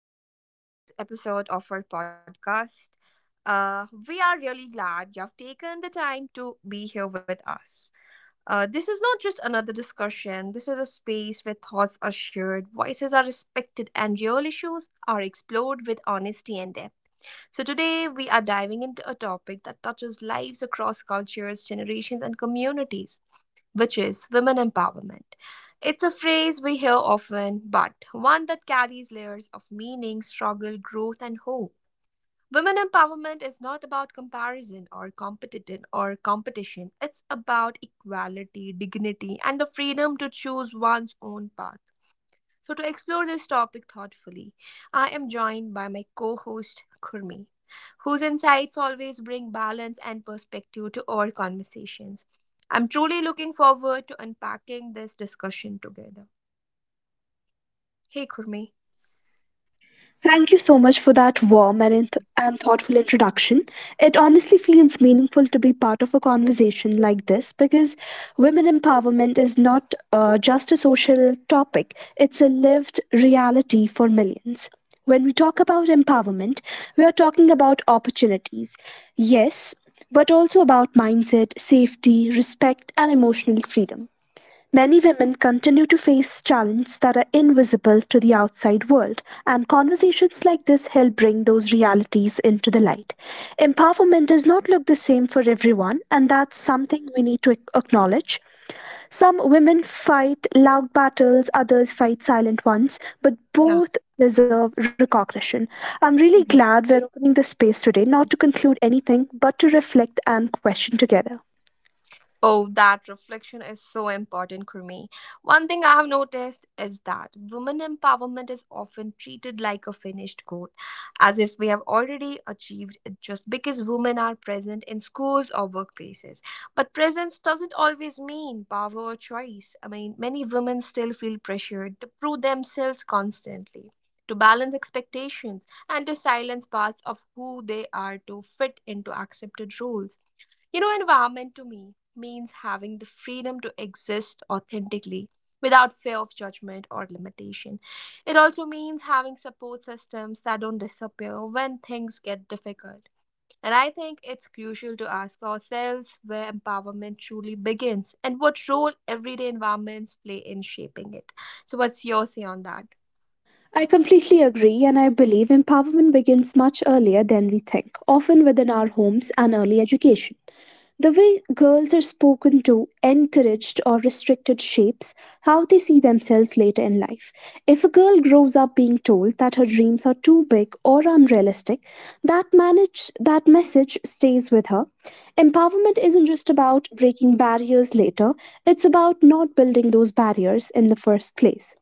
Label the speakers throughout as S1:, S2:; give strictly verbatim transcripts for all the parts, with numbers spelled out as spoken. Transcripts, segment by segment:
S1: welcome to today's episode of our podcast. Uh, we are really glad you have taken the time to be here with us. Uh, this is not just another discussion, this is a space where thoughts are shared, voices are respected, and real issues are explored with honesty and depth. So, today we are diving into a topic that touches lives across cultures, generations, and communities which is women empowerment. It's a phrase we hear often, but one that carries layers of meaning, struggle, growth, and hope. Women empowerment is not about comparison or competition or competition. It's about equality, dignity, and the freedom to choose one's own path. So, to explore this topic thoughtfully, I am joined by my co host, Kurmi, whose insights always bring balance and perspective to our conversations. I'm truly looking forward to unpacking this discussion together. Hey, Kurmi.
S2: Thank you so much for that warm and, inth- and thoughtful introduction. It honestly feels meaningful to be part of a conversation like this because women empowerment is not uh, just a social topic, it's a lived reality for millions. When we talk about empowerment, we are talking about opportunities. Yes, but also about mindset, safety, respect, and emotional freedom. Many women continue to face challenges that are invisible to the outside world, and conversations like this help bring those realities into the light. Empowerment does not look the same for everyone, and that's something we need to ac- acknowledge. Some women fight loud battles, others fight silent ones, but
S1: Yeah.
S2: both deserve recognition. I'm really
S1: Mhm.
S2: glad we're opening this space today, not to conclude anything, but to reflect and question together.
S1: Oh, that reflection is so important, Kurmi. One thing I have noticed is that women empowerment is often treated like a finished goal, as if we have already achieved it just because women are present in schools or workplaces. But presence doesn't always mean power or choice. I mean, many women still feel pressured to prove themselves constantly. To balance expectations and to silence parts of who they are to fit into accepted roles. You know, environment to me means having the freedom to exist authentically without fear of judgment or limitation. It also means having support systems that don't disappear when things get difficult. And I think it's crucial to ask ourselves where empowerment truly begins and what role everyday environments play in shaping it. So, what's your say on that?
S2: I completely agree, and I believe empowerment begins much earlier than we think, often within our homes and early education. The way girls are spoken to, encouraged, or restricted shapes how they see themselves later in life. If a girl grows up being told that her dreams are too big or unrealistic, that manage that message stays with her. Empowerment isn't just about breaking barriers later, it's about not building those barriers in the first place.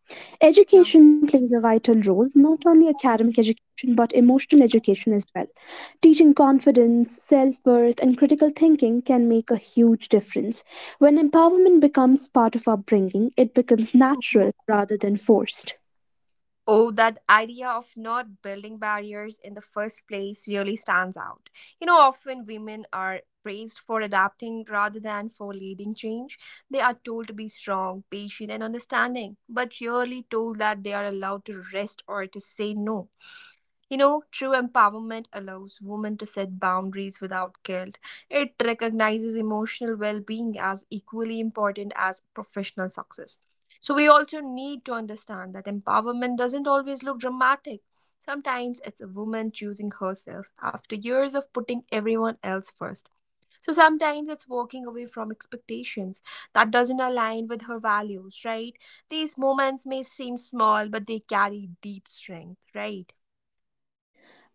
S1: Yeah.
S2: Education plays a vital role, not only academic education but emotional education as well. Teaching confidence, self worth, and critical thinking can make a huge difference. When empowerment becomes part of upbringing, it becomes natural rather than forced.
S1: Oh, that idea of not building barriers in the first place really stands out. You know, often women are praised for adapting rather than for leading change. They are told to be strong, patient, and understanding, but rarely told that they are allowed to rest or to say no. You know, true empowerment allows women to set boundaries without guilt. It recognizes emotional well being as equally important as professional success. So, we also need to understand that empowerment doesn't always look dramatic. Sometimes it's a woman choosing herself after years of putting everyone else first. So, sometimes it's walking away from expectations that doesn't align with her values, right? These moments may seem small, but they carry deep strength, right?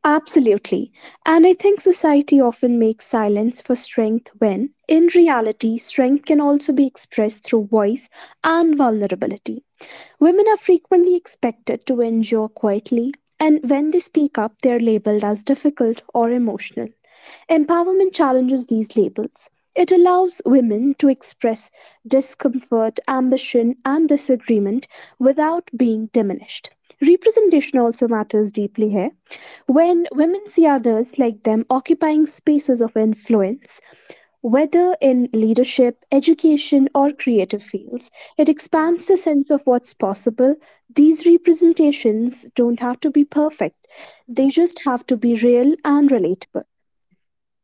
S2: Absolutely. And I think society often makes silence for strength when, in reality, strength can also be expressed through voice and vulnerability. Women are frequently expected to endure quietly, and when they speak up, they are labeled as difficult or emotional. Empowerment challenges these labels. It allows women to express discomfort, ambition, and disagreement without being diminished. Representation also matters deeply here. When women see others like them occupying spaces of influence, whether in leadership, education, or creative fields, it
S1: Yeah.
S2: expands the sense of what's possible. These representations don't have to be perfect, they just have to be real and relatable.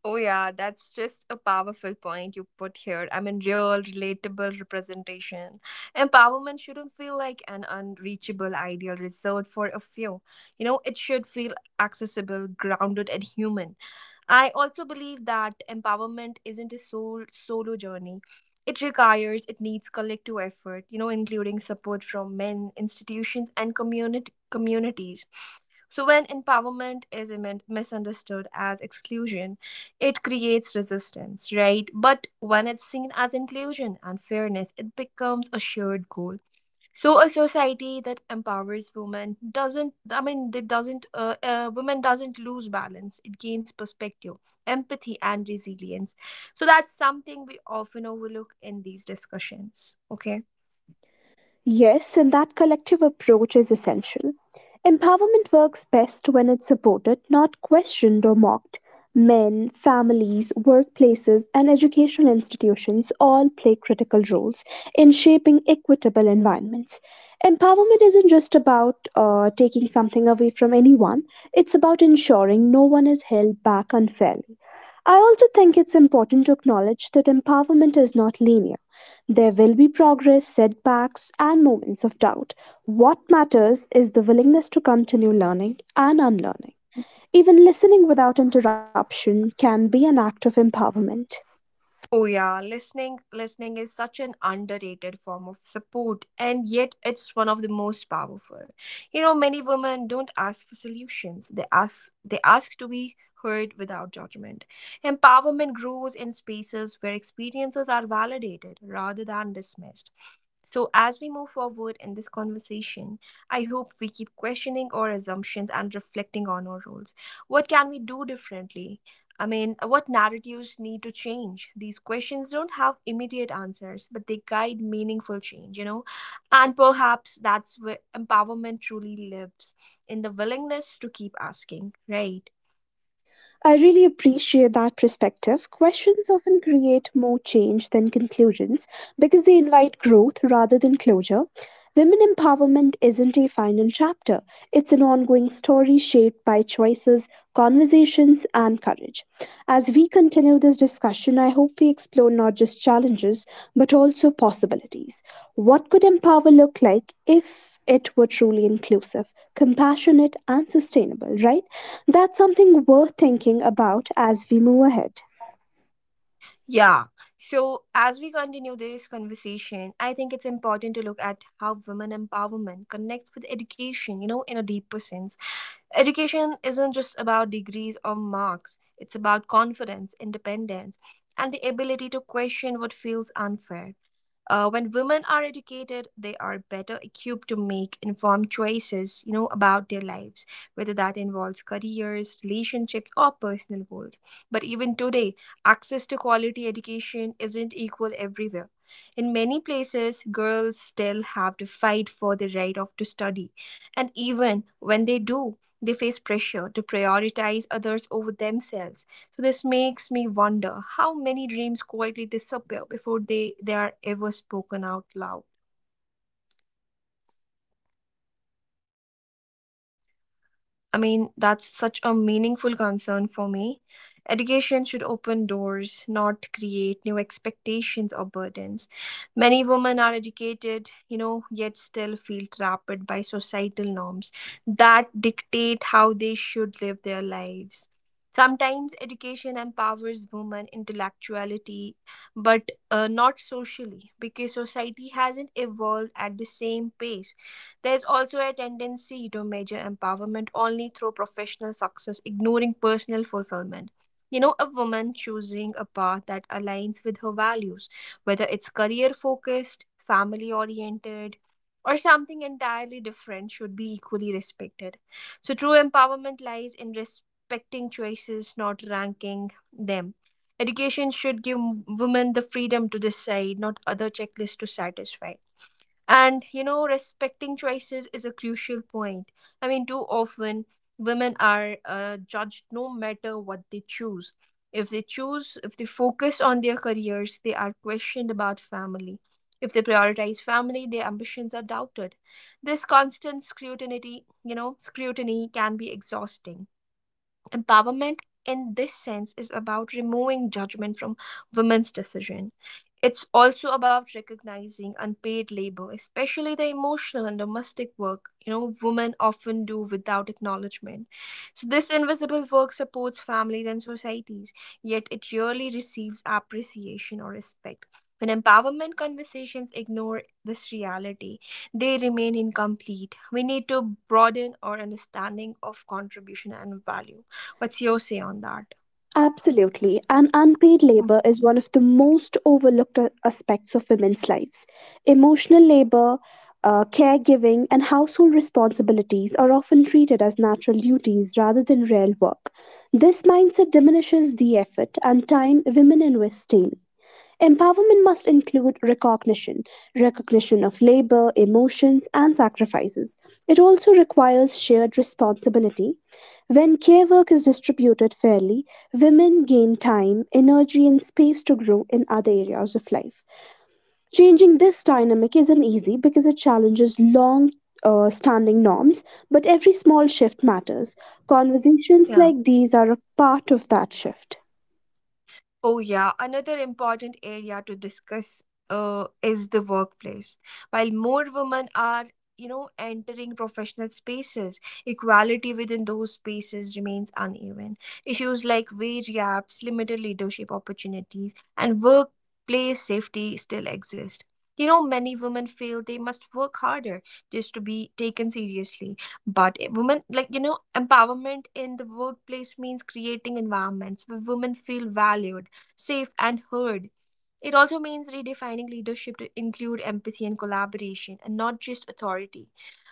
S1: Oh, yeah, that's just a powerful point you put here. I mean, real, relatable representation. Empowerment shouldn't feel like an unreachable ideal reserved for a few. You know, it should feel accessible, grounded, and human. I also believe that empowerment isn't a sole solo journey. It requires, it needs collective effort, you know, including support from men, institutions, and community communities so, when empowerment is im- misunderstood as exclusion, it creates resistance, right? But when it's seen as inclusion and fairness, it becomes a shared goal. So, a society that empowers women doesn't, I mean, it doesn't, uh, uh, women doesn't lose balance. It gains perspective, empathy, and resilience. So, that's something we often overlook in these discussions. Okay.
S2: Yes, and that collective approach is essential. Empowerment works best when it's supported, not questioned or mocked. Men, families, workplaces, and educational institutions all play critical roles in shaping equitable environments. Empowerment isn't just about uh, taking something away from anyone, it's about ensuring no one is held back unfairly. I also think it's important to acknowledge that empowerment is not linear. There will be progress, setbacks, and moments of doubt. What matters is the willingness to continue learning and unlearning. Even listening without interruption can be an act of empowerment.
S1: Oh yeah, listening listening is such an underrated form of support and yet it's one of the most powerful. You know, many women don't ask for solutions. They ask they ask to be heard without judgment. Empowerment grows in spaces where experiences are validated rather than dismissed. So, as we move forward in this conversation, I hope we keep questioning our assumptions and reflecting on our roles. What can we do differently? I mean, what narratives need to change? These questions don't have immediate answers, but they guide meaningful change, you know? And perhaps that's where empowerment truly lives in the willingness to keep asking, right?
S2: I really appreciate that perspective. Questions often create more change than conclusions because they invite growth rather than closure. Women empowerment isn't a final chapter, it's an ongoing story shaped by choices, conversations, and courage. As we continue this discussion, I hope we explore not just challenges but also possibilities. What could empower look like if it were truly inclusive, compassionate, and sustainable, right? That's something worth thinking about as we move ahead.
S1: Yeah. So, as we continue this conversation, I think it's important to look at how women empowerment connects with education, you know, in a deeper sense. Education isn't just about degrees or marks, it's about confidence, independence, and the ability to question what feels unfair. Uh, when women are educated, they are better equipped to make informed choices, you know, about their lives, whether that involves careers, relationships, or personal goals. But even today, access to quality education isn't equal everywhere. In many places, girls still have to fight for the right of to study, and even when they do, they face pressure to prioritize others over themselves so this makes me wonder how many dreams quietly disappear before they, they are ever spoken out loud.
S2: That's such a meaningful concern.
S1: I mean, that's
S2: Education,
S1: such a meaningful concern for me. Education should open doors, not create new expectations or burdens. Many women are educated, you know, yet still feel trapped by societal norms that dictate how they should live their lives. Sometimes education empowers women intellectuality, but uh, not socially, because society hasn't evolved at the same pace. There is also a tendency to measure empowerment only through professional success, ignoring personal fulfillment. You know, a woman choosing a path that aligns with her values, whether it's career focused, family oriented, or something entirely different, should be equally respected. So, true empowerment lies in respecting choices, not ranking them. Education should give women the freedom to decide, not other checklists to satisfy. And you know, respecting choices is a crucial point. I mean, too often women are uh, judged no matter what they choose. If they choose, if they focus on their careers, they are questioned about family. If they prioritize family, their ambitions are doubted. This constant scrutiny, you know, scrutiny can be exhausting. Empowerment in this sense is about removing judgment from women's decision. It's also about recognizing unpaid labor, especially the emotional and domestic work, you know, women often do without acknowledgement. So this invisible work supports families and societies, yet it rarely receives appreciation or respect. When empowerment conversations ignore this reality, they remain incomplete. We need to broaden our understanding of contribution and value. What's your say on that?
S2: absolutely, and unpaid labor
S1: Mhm.
S2: is one of the most overlooked a- aspects of women's lives. Emotional labor, uh, caregiving, and household responsibilities are often treated as natural duties rather than real work. This mindset diminishes the effort and time women invest daily. Empowerment must include recognition, recognition of labor, emotions, and sacrifices. It also requires shared responsibility. When care work is distributed fairly, women gain time, energy, and space to grow in other areas of life. Changing this dynamic isn't easy because it challenges long uh, standing norms, but every small shift matters. Conversations
S1: Yeah.
S2: like these are a part of that shift.
S1: Oh, yeah. Another important area to discuss uh, is the workplace. While more women are, you know, entering professional spaces, equality within those spaces remains uneven. Issues like wage gaps, limited leadership opportunities, and workplace safety still exist. You know, many women feel they must work harder just to be taken seriously. But women, like, you know, empowerment in the workplace means creating environments where women feel valued safe, and heard. It also means redefining leadership to include empathy and collaboration and not just authority.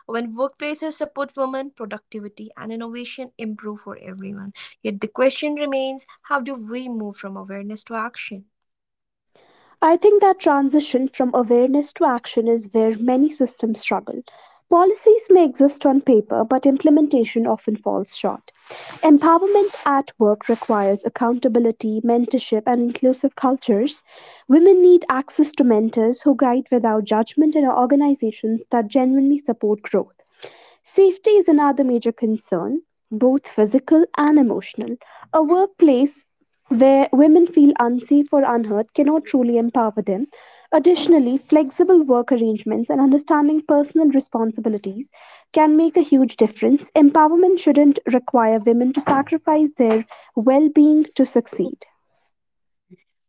S1: When workplaces support women, productivity and innovation improve for everyone. Yet the question remains how do we move from awareness to action?
S2: I think that transition from awareness to action is where many systems struggle. Policies may exist on paper, but implementation often falls short. Empowerment at work requires accountability, mentorship, and inclusive cultures. Women need access to mentors who guide without judgment and organizations that genuinely support growth. Safety is another major concern, both physical and emotional. A workplace where women feel unsafe or unheard cannot truly empower them. Additionally, flexible work arrangements and understanding personal responsibilities can make a huge difference. Empowerment shouldn't require women to sacrifice their well being to succeed.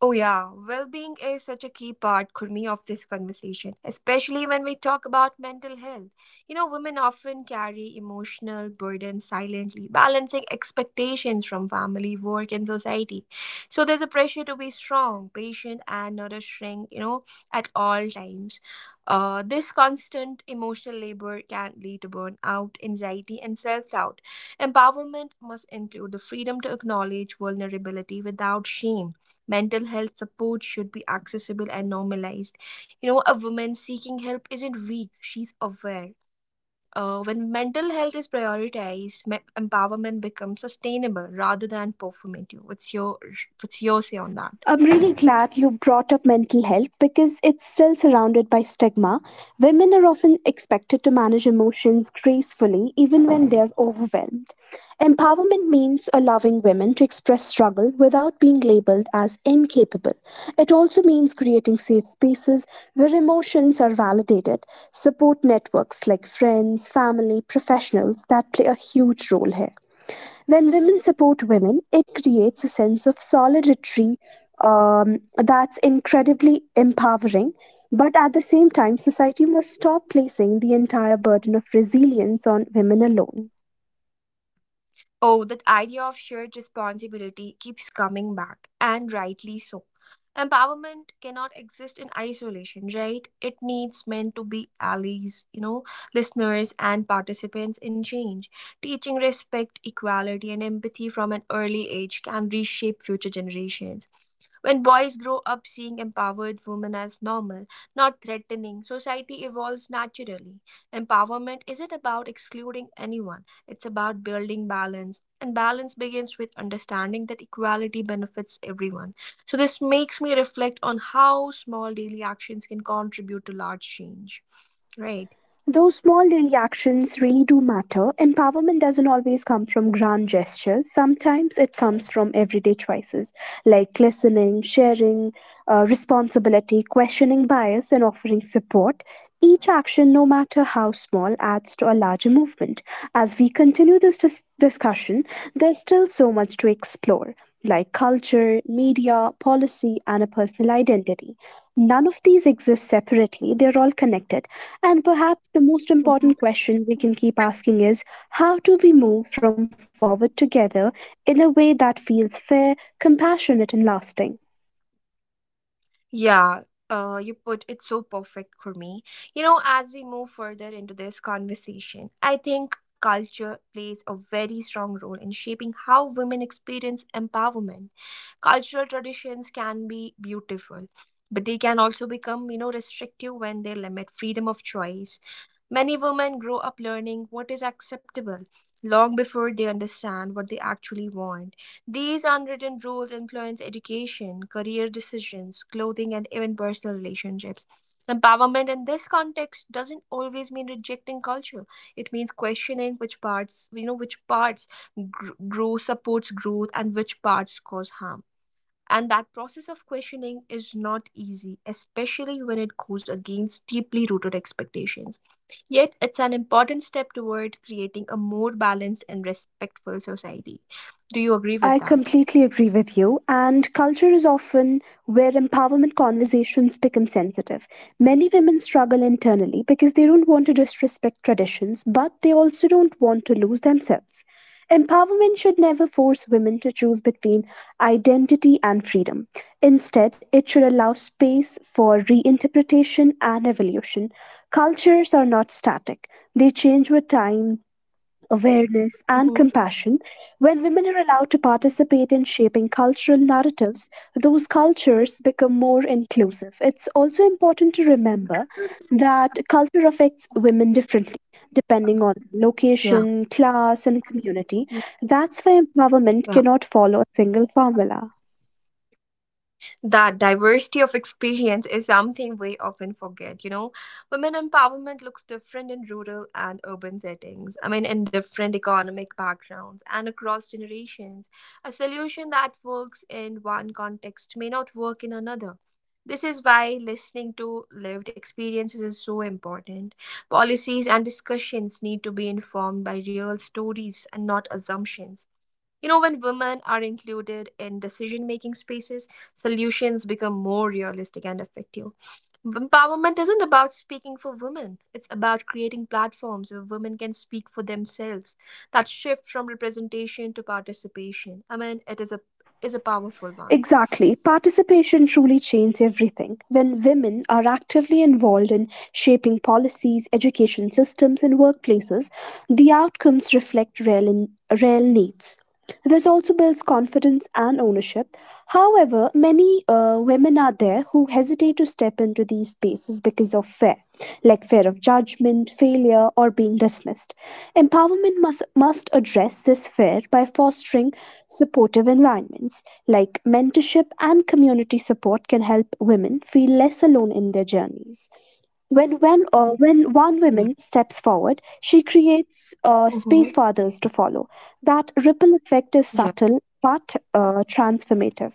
S1: Oh, yeah. Well being is such a key part, Kurmi, of this conversation, especially when we talk about mental health. You know, women often carry emotional burdens silently, balancing expectations from family, work, and society. So there's a pressure to be strong, patient, and nourishing, you know, at all times. Uh, this constant emotional labor can lead to burnout, anxiety, and self doubt. Empowerment must include the freedom to acknowledge vulnerability without shame. Mental health support should be accessible and normalized. You know, a woman seeking help isn't weak, she's aware. Uh, when mental health is prioritized, me- empowerment becomes sustainable rather than performative. What's your what's your say on that?
S2: I'm really glad you brought up mental health because it's still surrounded by stigma. Women are often expected to manage emotions gracefully even when they're overwhelmed. Empowerment means allowing women to express struggle without being labeled as incapable. It also means creating safe spaces where emotions are validated, support networks like friends, family, professionals that play a huge role here. When women support women, it creates a sense of solidarity um, that's incredibly empowering. But at the same time, society must stop placing the entire burden of resilience on women alone.
S1: Oh, that idea of shared responsibility keeps coming back, and rightly so. Empowerment cannot exist in isolation, right? It needs men to be allies, you know, listeners and participants in change. Teaching respect, equality, and empathy from an early age can reshape future generations. When boys grow up seeing empowered women as normal, not threatening, society evolves naturally. Empowerment isn't about excluding anyone it's about building balance, and balance begins with understanding that equality benefits everyone. So, this makes me reflect on how small daily actions can contribute to large change, right?
S2: Those small daily actions really do matter. Empowerment doesn't always come from grand gestures. Sometimes it comes from everyday choices like listening, sharing, uh, responsibility, questioning bias, and offering support. Each action, no matter how small, adds to a larger movement. As we continue this dis- discussion, there's still so much to explore like culture, media, policy, and a personal identity. None of these exist separately, they're all connected and perhaps the most important question we can keep asking is how do we move from forward together in a way that feels fair, compassionate, and lasting?
S1: Yeah, uh, you put it so perfect, Kurmi. You know, as we move further into this conversation, I think culture plays a very strong role in shaping how women experience empowerment. Cultural traditions can be beautiful, but they can also become, you know, restrictive when they limit freedom of choice. Many women grow up learning what is acceptable long before they understand what they actually want. These unwritten rules influence education, career decisions, clothing, and even personal relationships. Empowerment in this context doesn't always mean rejecting culture. It means questioning which parts, you know, which parts gr- grow supports growth and which parts cause harm. And that process of questioning is not easy, especially when it goes against deeply rooted expectations. Yet, it's an important step toward creating a more balanced and respectful society. Do you agree with
S2: I
S1: that?
S2: completely agree with you. And culture is often where empowerment conversations become sensitive. Many women struggle internally because they don't want to disrespect traditions, but they also don't want to lose themselves. Empowerment should never force women to choose between identity and freedom. Instead, it should allow space for reinterpretation and evolution. Cultures are not static, they change with time, awareness, and
S1: Hmm.
S2: compassion, when women are allowed to participate in shaping cultural narratives, those cultures become more inclusive. It's also important to remember that culture affects women differently. Depending on
S1: Yeah.
S2: location, class, and community,
S1: Mhm.
S2: that's why empowerment cannot follow a single formula.
S1: That diversity of experience is something we often forget, you know. Women empowerment looks different in rural and urban settings, I mean, in different economic backgrounds and across generations. A solution that works in one context may not work in another. This is why listening to lived experiences is so important. Policies and discussions need to be informed by real stories and not assumptions. You know, when women are included in decision making spaces, solutions become more realistic and effective. Empowerment isn't about speaking for women, it's about creating platforms where women can speak for themselves. That shift from representation to participation, I mean, it is a is a powerful one.
S2: Exactly. Participation truly changes everything. When women are actively involved in shaping policies, education systems, and workplaces, the outcomes reflect real, real needs. This also builds confidence and ownership. However, many uh, women are there who hesitate to step into these spaces because of fear, like fear of judgment, failure, or being dismissed. Empowerment must, must address this fear by fostering supportive environments, like mentorship and community support can help women feel less alone in their journeys. When when uh, when one woman steps forward, she creates uh, space
S1: Mm-hmm.
S2: for others to follow. That ripple effect is
S1: Yeah.
S2: subtle but uh, transformative.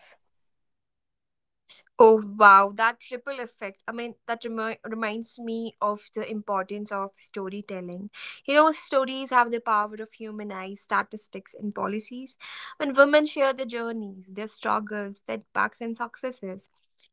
S1: Oh wow, that triple effect. I mean, that remi- reminds me of the importance of storytelling. You know, stories have the power of humanize statistics and policies. When women share their journeys, their struggles, setbacks, and successes,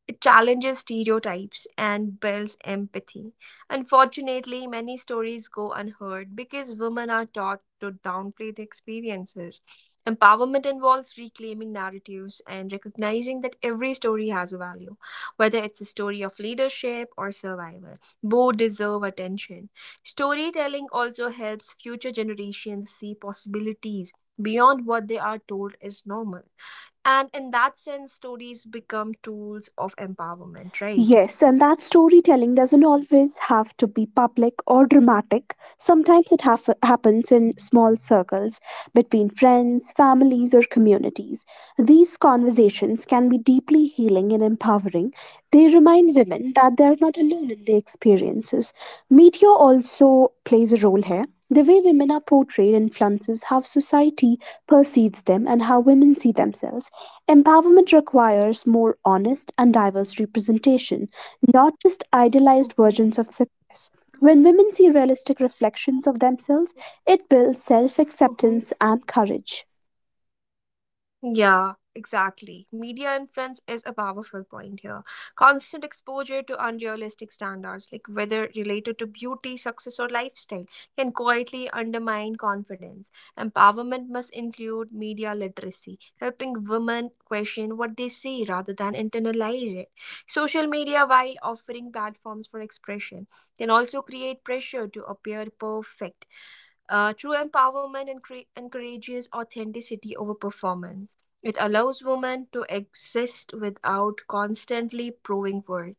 S1: it challenges stereotypes and builds empathy. Unfortunately, many stories go unheard because women are taught to downplay the experiences. Empowerment involves reclaiming narratives and recognizing that every story has a value, whether it's a story of leadership or survival. Both deserve attention. Storytelling also helps future generations see possibilities beyond what they are told is normal. And in that sense, stories become tools of empowerment, right?
S2: Yes, and that storytelling doesn't always have to be public or dramatic. Sometimes it haf- happens in small circles, between friends, families, or communities. These conversations can be deeply healing and empowering. They remind women that they are not alone in their experiences. Media also plays a role here. The way women are portrayed influences how society perceives them and how women see themselves. Empowerment requires more honest and diverse representation, not just idealized versions of success. When women see realistic reflections of themselves, it builds self
S1: Mhm.
S2: acceptance and courage.
S1: Yeah, exactly. Media influence is a powerful point here. Constant exposure to unrealistic standards, like whether related to beauty, success, or lifestyle, can quietly undermine confidence. Empowerment must include media literacy, helping women question what they see rather than internalize it. Social media, while offering platforms for expression, can also create pressure to appear perfect. Uh, true empowerment encre- encourages authenticity over performance. It allows women to exist without constantly proving worth.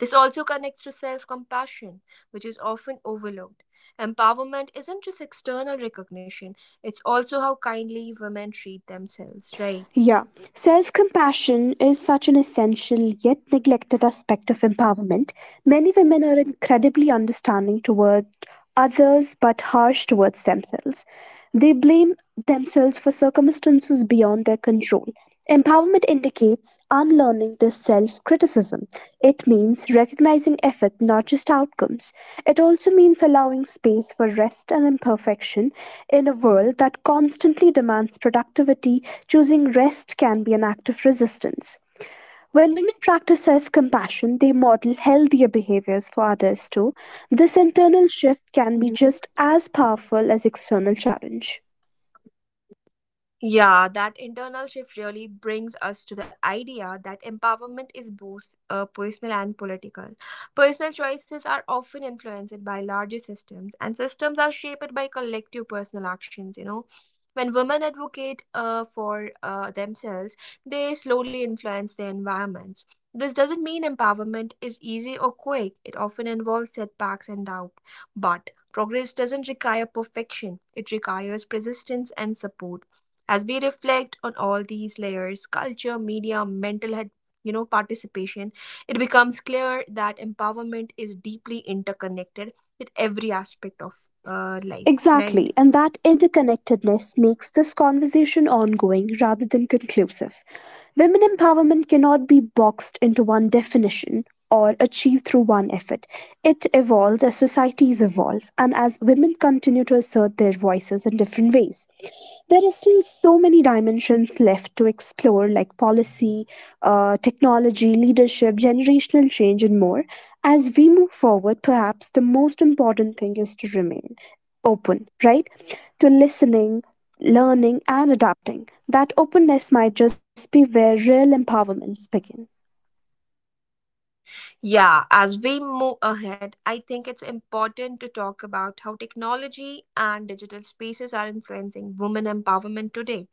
S1: This also connects to self compassion, which is often overlooked. Empowerment isn't just external recognition, it's also how kindly women treat themselves, right?
S2: Yeah, self compassion is such an essential yet neglected aspect of empowerment. Many women are incredibly understanding toward others but harsh towards themselves. They blame themselves for circumstances beyond their control. Empowerment indicates unlearning this self criticism. It means recognizing effort, not just outcomes. It also means allowing space for rest and imperfection in a world that constantly demands productivity. Choosing rest can be an act of resistance. When women practice self compassion, they model healthier behaviors for others too. This internal shift can be just as powerful as external challenge.
S1: Yeah, that internal shift really brings us to the idea that empowerment is both uh, personal and political. Personal choices are often influenced by larger systems, and systems are shaped by collective personal actions, you know. When women advocate uh, for uh, themselves, they slowly influence their environments. This doesn't mean empowerment is easy or quick, it often involves setbacks and doubt. But progress doesn't require perfection, it requires persistence and support. As we reflect on all these layers, culture, media, mental health, you know, participation, it becomes clear that empowerment is deeply interconnected with every aspect of uh, life, right?
S2: Exactly, and that interconnectedness makes this conversation ongoing rather than conclusive. Women empowerment cannot be boxed into one definition or achieved through one effort. It evolves as societies evolve and as women continue to assert their voices in different ways. There are still so many dimensions left to explore like policy uh, technology, leadership, generational change, and more. As we move forward, perhaps the most important thing is to remain open, right? To listening, learning, and adapting. That openness might just be where real empowerments begin.
S1: Yeah, as we move ahead, I think it's important to talk about how technology and digital spaces are influencing women empowerment today.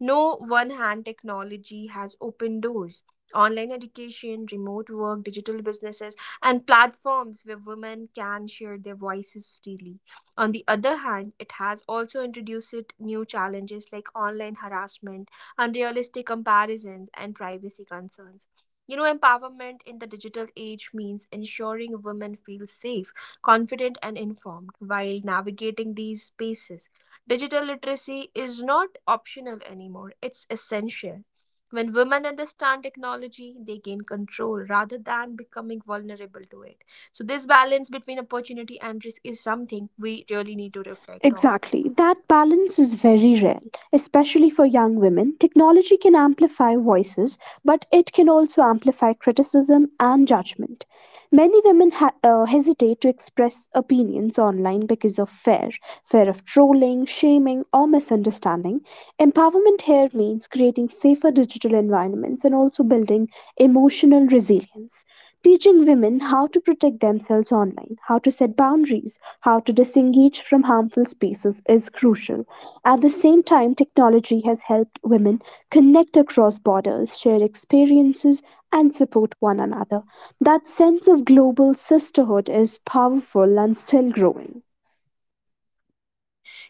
S1: No one hand technology has opened doors. Online education, remote work, digital businesses, and platforms where women can share their voices freely. On the other hand, it has also introduced new challenges like online harassment, unrealistic comparisons, and privacy concerns. You know, empowerment in the digital age means ensuring women feel safe, confident, and informed while navigating these spaces. Digital literacy is not optional anymore, it's essential. When women understand technology, they gain control rather than becoming vulnerable to it. So, this balance between opportunity and risk is something we really need to reflect on.
S2: Exactly. That balance is very rare, especially for young women. Technology can amplify voices, but it can also amplify criticism and judgment. Many women ha- uh, hesitate to express opinions online because of fear fear of trolling, shaming, or misunderstanding. Empowerment here means creating safer digital environments and also building emotional resilience, teaching women how to protect themselves online online, how to set boundaries, how to disengage from harmful spaces is crucial. At the same time, technology has helped women connect across borders, share experiences, and support one another. That sense of global sisterhood is powerful and still growing.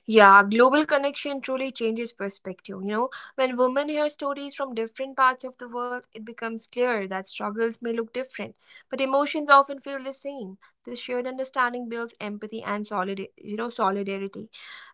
S1: Yeah, global connection truly changes perspective. You know, when women hear stories from different parts of the world, it becomes clear that struggles may look different, but emotions often feel the same. This shared understanding builds empathy and solid, you know, solidarity.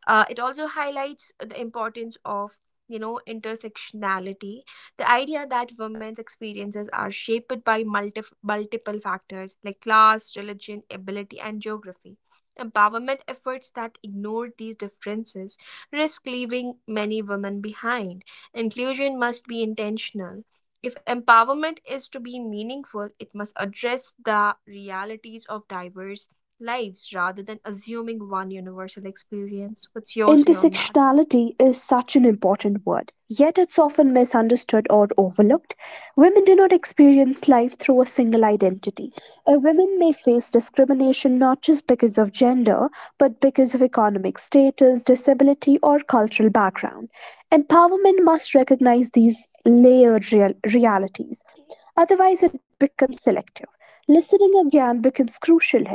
S1: Uh, it also highlights the importance of, you know, intersectionality, the idea that women's experiences are shaped by multi- multiple factors like class, religion, ability, and geography. Empowerment efforts that ignore these differences risk leaving many women behind. Inclusion must be intentional. If empowerment is to be meaningful, it must address the realities of diverse lives rather than assuming one universal experience. What's your say on that?
S2: Intersectionality is such an important word, yet it's often misunderstood or overlooked. Women do not experience life through a single identity. A woman may face discrimination not just because of gender, but because of economic status, disability, or cultural background. Empowerment must recognize these layered real- realities, otherwise, it becomes selective. Listening again becomes crucial here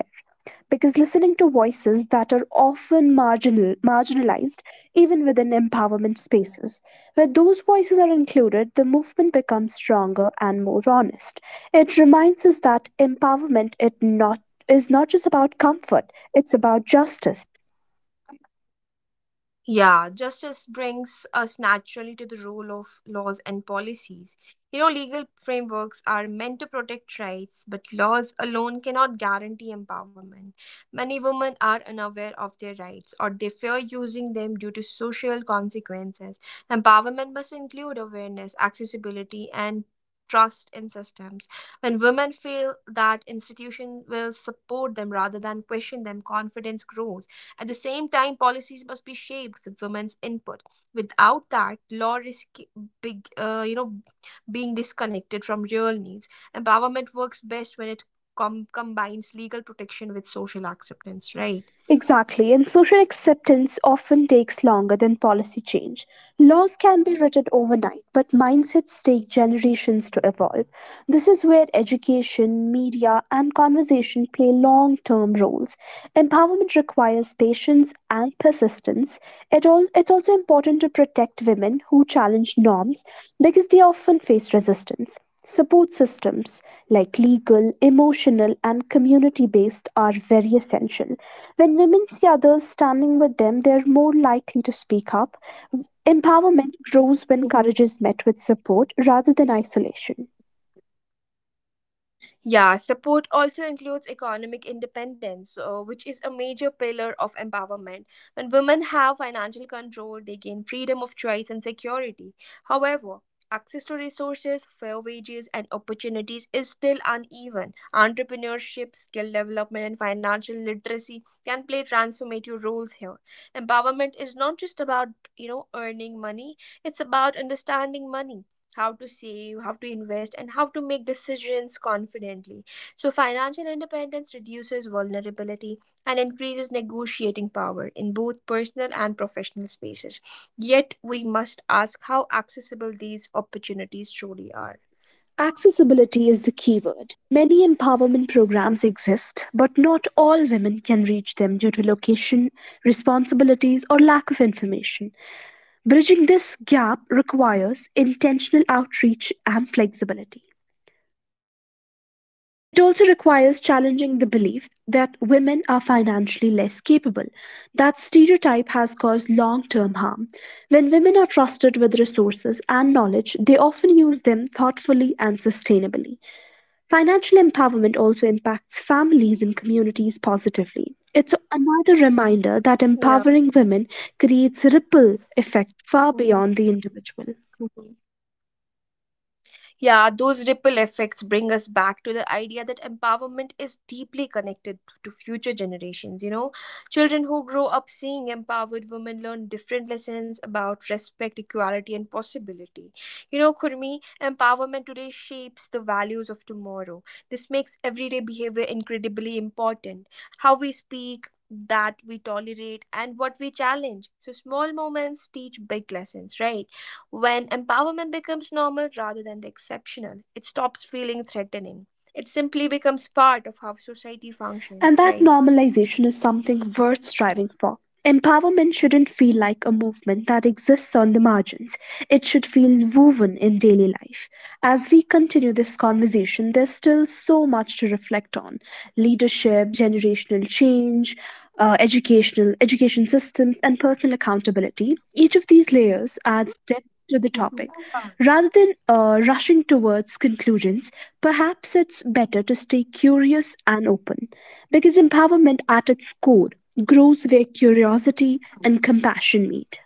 S2: because listening to voices that are often marginal, marginalized, even within empowerment spaces. Where those voices are included, the movement becomes stronger and more honest. It reminds us that empowerment it not, is not just about comfort, it's about justice.
S1: Yeah, justice brings us naturally to the role of laws and policies. You know, legal frameworks are meant to protect rights, but laws alone cannot guarantee empowerment. Many women are unaware of their rights or they fear using them due to social consequences. Empowerment must include awareness, accessibility, and trust in systems. When women feel that institution will support them rather than question them, confidence grows. At the same time, policies must be shaped with women's input. Without that, law risks big, uh, you know, being disconnected from real needs. Empowerment works best when it com- combines legal protection with social acceptance, right?
S2: Exactly, and social acceptance often takes longer than policy change. Laws can be written overnight, but mindsets take generations to evolve. This is where education, media, and conversation play long term roles. Empowerment requires patience and persistence. It all, it's also important to protect women who challenge norms because they often face resistance. Support systems like legal, emotional, and community based are very essential. When women see others standing with them, they're more likely to speak up. Empowerment grows when courage is met with support rather than isolation.
S1: Yeah, support also includes economic independence, uh, which is a major pillar of empowerment. When women have financial control, they gain freedom of choice and security. However, access to resources, fair wages, and opportunities is still uneven. Entrepreneurship, skill development, and financial literacy can play transformative roles here. Empowerment is not just about, you know, earning money, it's about understanding money, how to save, how to invest, and how to make decisions confidently. So, financial independence reduces vulnerability and increases negotiating power in both personal and professional spaces. Yet, we must ask how accessible these opportunities truly are.
S2: Accessibility is the key word. Many empowerment programs exist, but not all women can reach them due to location, responsibilities, or lack of information. Bridging this gap requires intentional outreach and flexibility. It also requires challenging the belief that women are financially less capable. That stereotype has caused long term harm. When women are trusted with resources and knowledge, they often use them thoughtfully and sustainably. Financial empowerment also impacts families and communities positively. It's another reminder that
S1: Yeah.
S2: empowering women creates ripple effect far
S1: Mhm.
S2: beyond the individual.
S1: Yeah, those ripple effects bring us back to the idea that empowerment is deeply connected to future generations. You know, children who grow up seeing empowered women learn different lessons about respect, equality, and possibility. You know, Kurmi, empowerment today shapes the values of tomorrow. This makes everyday behavior incredibly important. How we speak, that we tolerate, and what we challenge. So, small moments teach big lessons, right? When empowerment becomes normal rather than the exceptional, it stops feeling threatening. It simply becomes part of how society
S2: And
S1: functions,
S2: that
S1: right?
S2: normalization is something worth striving for. Empowerment shouldn't feel like a movement that exists on the margins. It should feel woven in daily life. As we continue this conversation, there's still so much to reflect on leadership, generational change, uh, educational education systems, and personal accountability. Each of these layers adds depth to the topic. Rather than uh, rushing towards conclusions, perhaps it's better to stay curious and open because empowerment at its core grows where curiosity and compassion meet.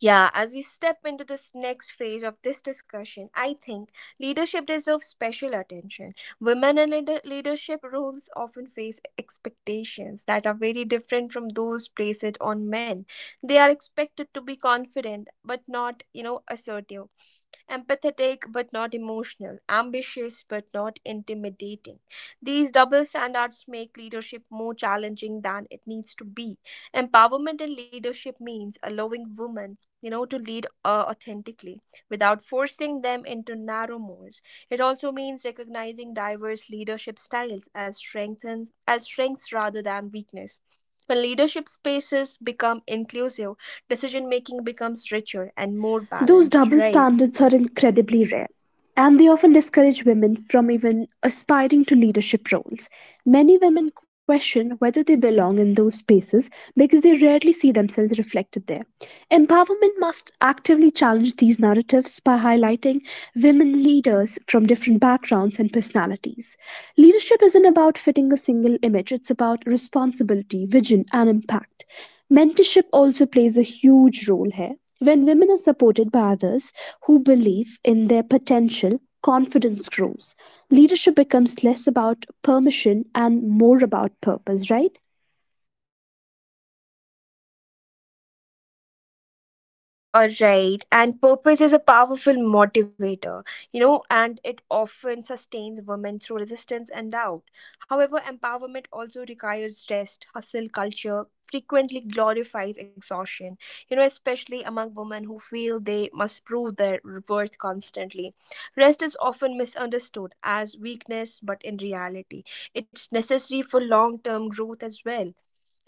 S1: Yeah, as we step into this next phase of this discussion, I think leadership deserves special attention. Women in leader- leadership roles often face expectations that are very different from those placed on men. They are expected to be confident but not, you know, assertive, empathetic but not emotional, ambitious but not intimidating. These double standards make leadership more challenging than it needs to be. Empowerment in leadership means allowing women, you know, to lead uh, authentically without forcing them into narrow molds. It also means recognizing diverse leadership styles as strengthens as strengths rather than weakness. When leadership spaces become inclusive, decision making becomes richer and more
S2: Those
S1: balanced,
S2: double
S1: right?
S2: standards are incredibly rare, and they often discourage women from even aspiring to leadership roles. Many women question whether they belong in those spaces because they rarely see themselves reflected there. Empowerment must actively challenge these narratives by highlighting women leaders from different backgrounds and personalities. Leadership isn't about fitting a single image, it's about responsibility, vision, and impact. Mentorship also plays a huge role here when women are supported by others who believe in their potential, confidence grows. Leadership becomes less about permission and more about purpose, right?
S1: Yeah, you are right. And purpose is a powerful motivator, you know, and it often sustains women through resistance and doubt. However, empowerment also requires rest, hustle culture frequently glorifies exhaustion, you know, especially among women who feel they must prove their worth constantly. Rest is often misunderstood as weakness, but in reality, it's necessary for long term growth as well.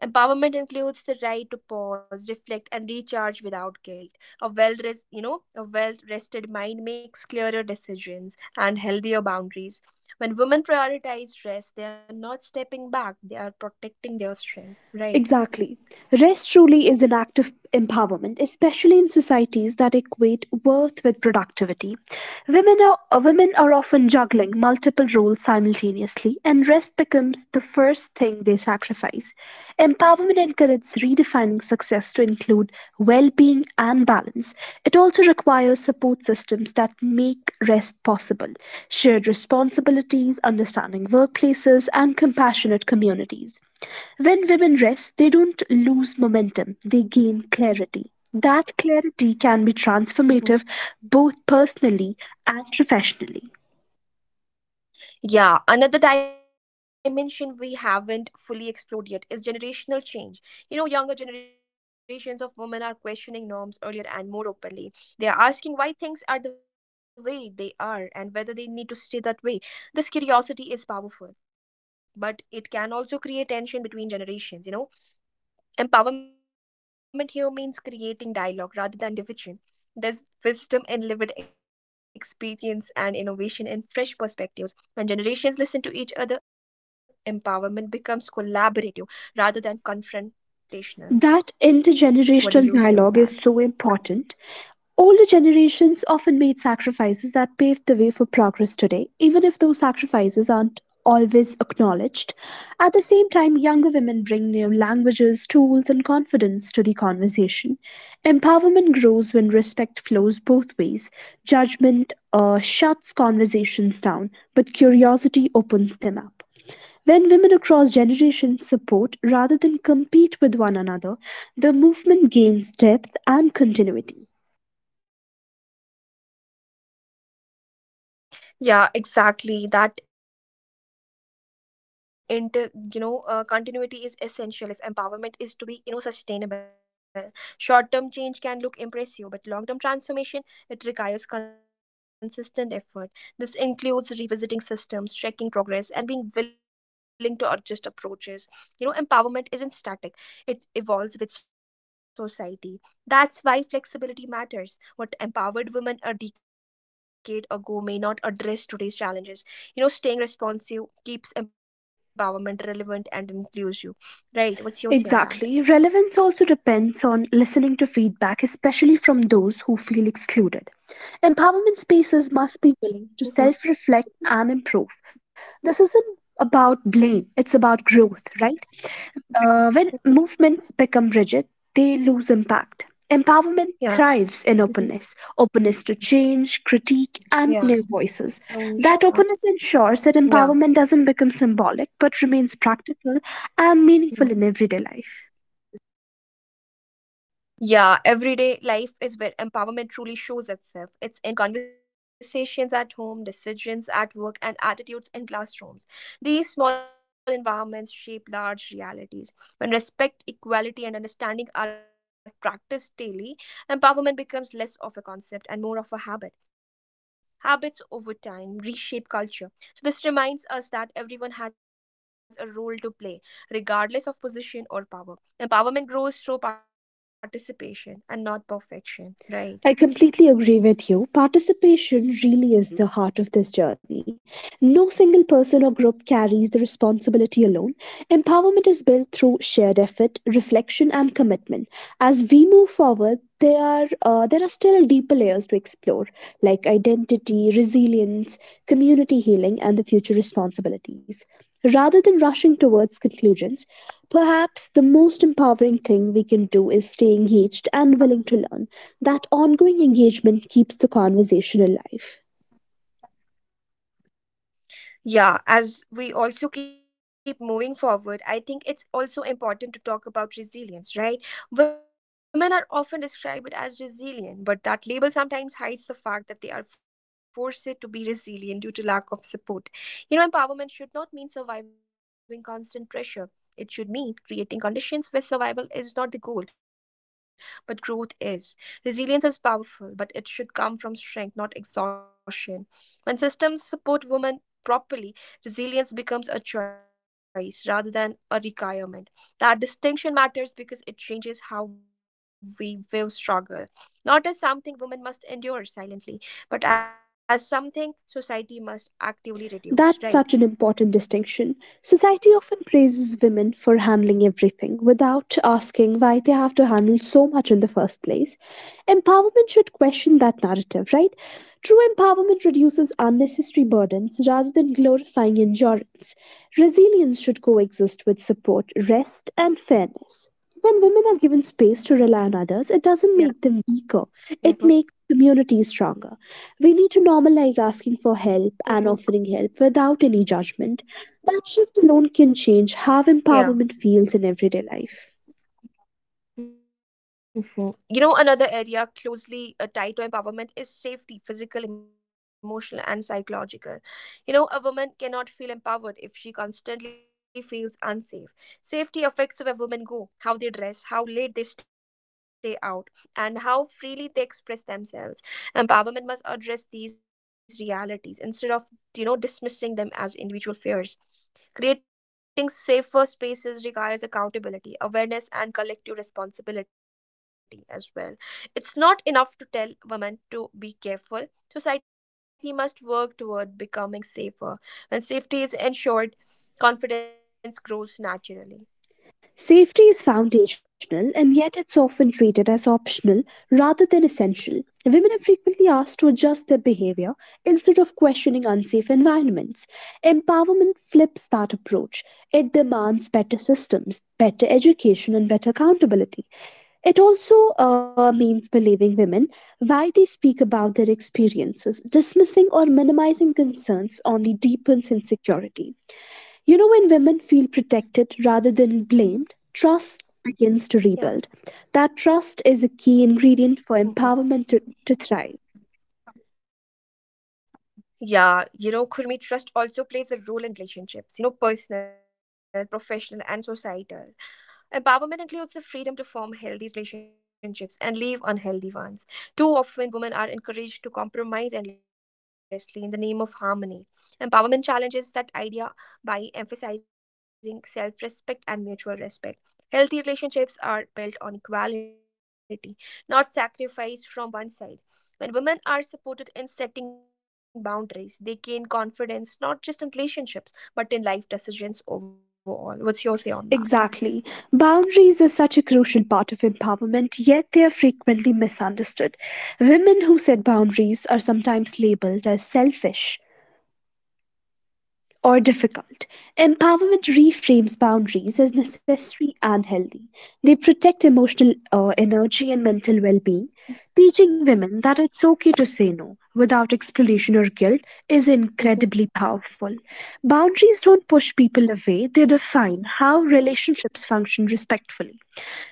S1: Empowerment includes the right to pause, reflect, and recharge without guilt. A well, res- you know, a well-rested mind makes clearer decisions and healthier boundaries. When women prioritize rest, they are not stepping back; they are protecting their strength. Right.
S2: Exactly. Rest truly is an act of empowerment, especially in societies that equate worth with productivity. Women are, uh, women are often juggling multiple roles simultaneously, and rest becomes the first thing they sacrifice. Empowerment encourages redefining success to include well being and balance. It also requires support systems that make rest possible, shared responsibilities, understanding workplaces, and compassionate communities. When women rest, they don't lose momentum, they gain clarity. That clarity can be transformative
S1: Hmm.
S2: both personally and professionally.
S1: Yeah, another dimension we haven't fully explored yet is generational change. You know, younger generations of women are questioning norms earlier and more openly. They are asking why things are the way they are and whether they need to stay that way. This curiosity is powerful, but it can also create tension between generations, you know. Empowerment here means creating dialogue rather than division. There's wisdom in lived experience and innovation in fresh perspectives. When generations listen to each other, empowerment becomes collaborative rather than confrontational.
S2: That
S1: What do
S2: intergenerational
S1: you say on
S2: dialogue
S1: that?
S2: is so important. Older generations often made sacrifices that paved the way for progress today, even if those sacrifices aren't always acknowledged. At the same time, younger women bring new languages, tools, and confidence to the conversation. Empowerment grows when respect flows both ways. Judgment uh, shuts conversations down, but curiosity opens them up. When women across generations support rather than compete with one another, the movement gains depth and continuity.
S1: Yeah, exactly. That inter, you know, uh, continuity is essential if empowerment is to be, you know, sustainable. Short-term change can look impressive, but long-term transformation, it requires consistent effort. This includes revisiting systems, tracking progress, and being willing to adjust approaches. You know, empowerment isn't static; it evolves with society. That's why flexibility matters. What empowered women a decade ago may not address today's challenges. You know, staying responsive keeps empowerment relevant and inclusive, right? What's your say
S2: Exactly.
S1: on that?
S2: Relevance also depends on listening to feedback, especially from those who feel excluded. Empowerment spaces must be willing to
S1: Mm-hmm.
S2: self reflect and improve. This isn't about blame, it's about growth, right? Uh, when movements become rigid, they lose impact. Empowerment
S1: Yeah.
S2: thrives in openness,
S1: Hmm. Yeah. Mhm.
S2: openness to change, critique, and
S1: Yeah.
S2: new voices.
S1: Range.
S2: That openness ensures that empowerment doesn't
S1: Yeah.
S2: become symbolic but remains practical and meaningful in
S1: Yeah.
S2: everyday life.
S1: Yeah, everyday life is where empowerment truly shows itself. It's in conversations at home, decisions at work, and attitudes in classrooms. These small environments shape large realities. When respect, equality, and understanding are practiced daily, empowerment becomes less of a concept and more of a habit. Habits over time reshape culture. So, this reminds us that everyone has a role to play, regardless of position or power. Empowerment grows through participation and not perfection,
S2: I
S1: right?
S2: completely agree with you. Participation really is the heart of this journey. No single person or group carries the responsibility alone. Empowerment is built through shared effort, reflection, and commitment. As we move forward, there are uh, there are still deeper layers to explore, like identity, resilience, community healing, and the future responsibilities. Rather than rushing towards conclusions, perhaps the most empowering thing we can do is stay engaged and willing to learn. That ongoing engagement keeps the conversation alive.
S1: Yeah, as we also keep moving forward, I think it's also important to talk about resilience, right? Women are often described as resilient, but that label sometimes hides the fact that they are forced to be resilient due to lack of support. You know, empowerment should not mean surviving constant pressure. It should mean creating conditions where survival is not the goal, but growth is. Resilience is powerful, but it should come from strength, not exhaustion. When systems support women properly, resilience becomes a choice rather than a requirement. That distinction matters because it changes how we view struggle, not as something women must endure silently, but as something society must actively
S2: That's
S1: reduce,
S2: such an
S1: right?
S2: important distinction. Society often praises women for handling everything without asking why they have to handle so much in the first place. Empowerment should question that narrative, right? True empowerment reduces unnecessary burdens rather than glorifying endurance. Resilience should coexist with support, rest, and fairness. When women are given space to rely on others, it doesn't make them weaker, it makes
S1: Yeah.
S2: communities stronger.
S1: Yeah.
S2: We need to normalize asking for help
S1: Mhm.
S2: and offering help without any judgment. That shift alone can change how
S1: Yeah.
S2: empowerment feels in everyday life.
S1: Mhm. You know, another area closely uh, tied to empowerment is safety, physical, emotional, and psychological. You know, a woman cannot feel empowered if she constantly feels unsafe. Safety affects where women go, how they dress, how late they stay out, and how freely they express themselves. Empowerment must address these realities instead of, you know, dismissing them as individual fears. Creating safer spaces requires accountability, awareness, and collective responsibility as well. It's not enough to tell women to be careful. Society must work toward becoming safer. When safety is ensured, confidence grows naturally.
S2: Safety is foundational and yet it's often treated as optional rather than essential. Women are frequently asked to adjust their behavior instead of questioning unsafe environments. Empowerment flips that approach. It demands better systems, better education, and better accountability. It also uh, means believing women why they speak about their experiences. Dismissing or minimizing concerns only deepens insecurity. You know, when women feel protected rather than blamed, trust begins to rebuild. That
S1: Yeah.
S2: trust is a key ingredient for
S1: Hmm.
S2: empowerment to, to thrive.
S1: Yeah, you know, Kurmi, trust also plays a role in relationships, you know, personal, professional, and societal. Empowerment includes the freedom to form healthy relationships and leave unhealthy ones. Too often, women are encouraged to compromise endlessly in the name of harmony. Empowerment challenges that idea by emphasizing self respect and mutual respect. Healthy relationships are built on equality, not sacrifice from one side. When women are supported in setting boundaries, they gain confidence not just in relationships but in life decisions overall. What's your say on that?
S2: Exactly. Boundaries are such a crucial part of empowerment, yet they are frequently misunderstood. Women who set boundaries are sometimes labeled as selfish, or difficult. Empowerment reframes boundaries as necessary and healthy. They protect emotional uh, energy and mental well being. Teaching women that it's okay to say no without explanation or guilt is
S1: Mm-hmm.
S2: incredibly powerful. Boundaries don't push people away, they define how relationships function respectfully.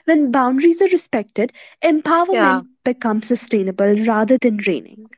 S2: When boundaries are respected,
S1: Yeah.
S2: empowerment becomes sustainable rather than draining.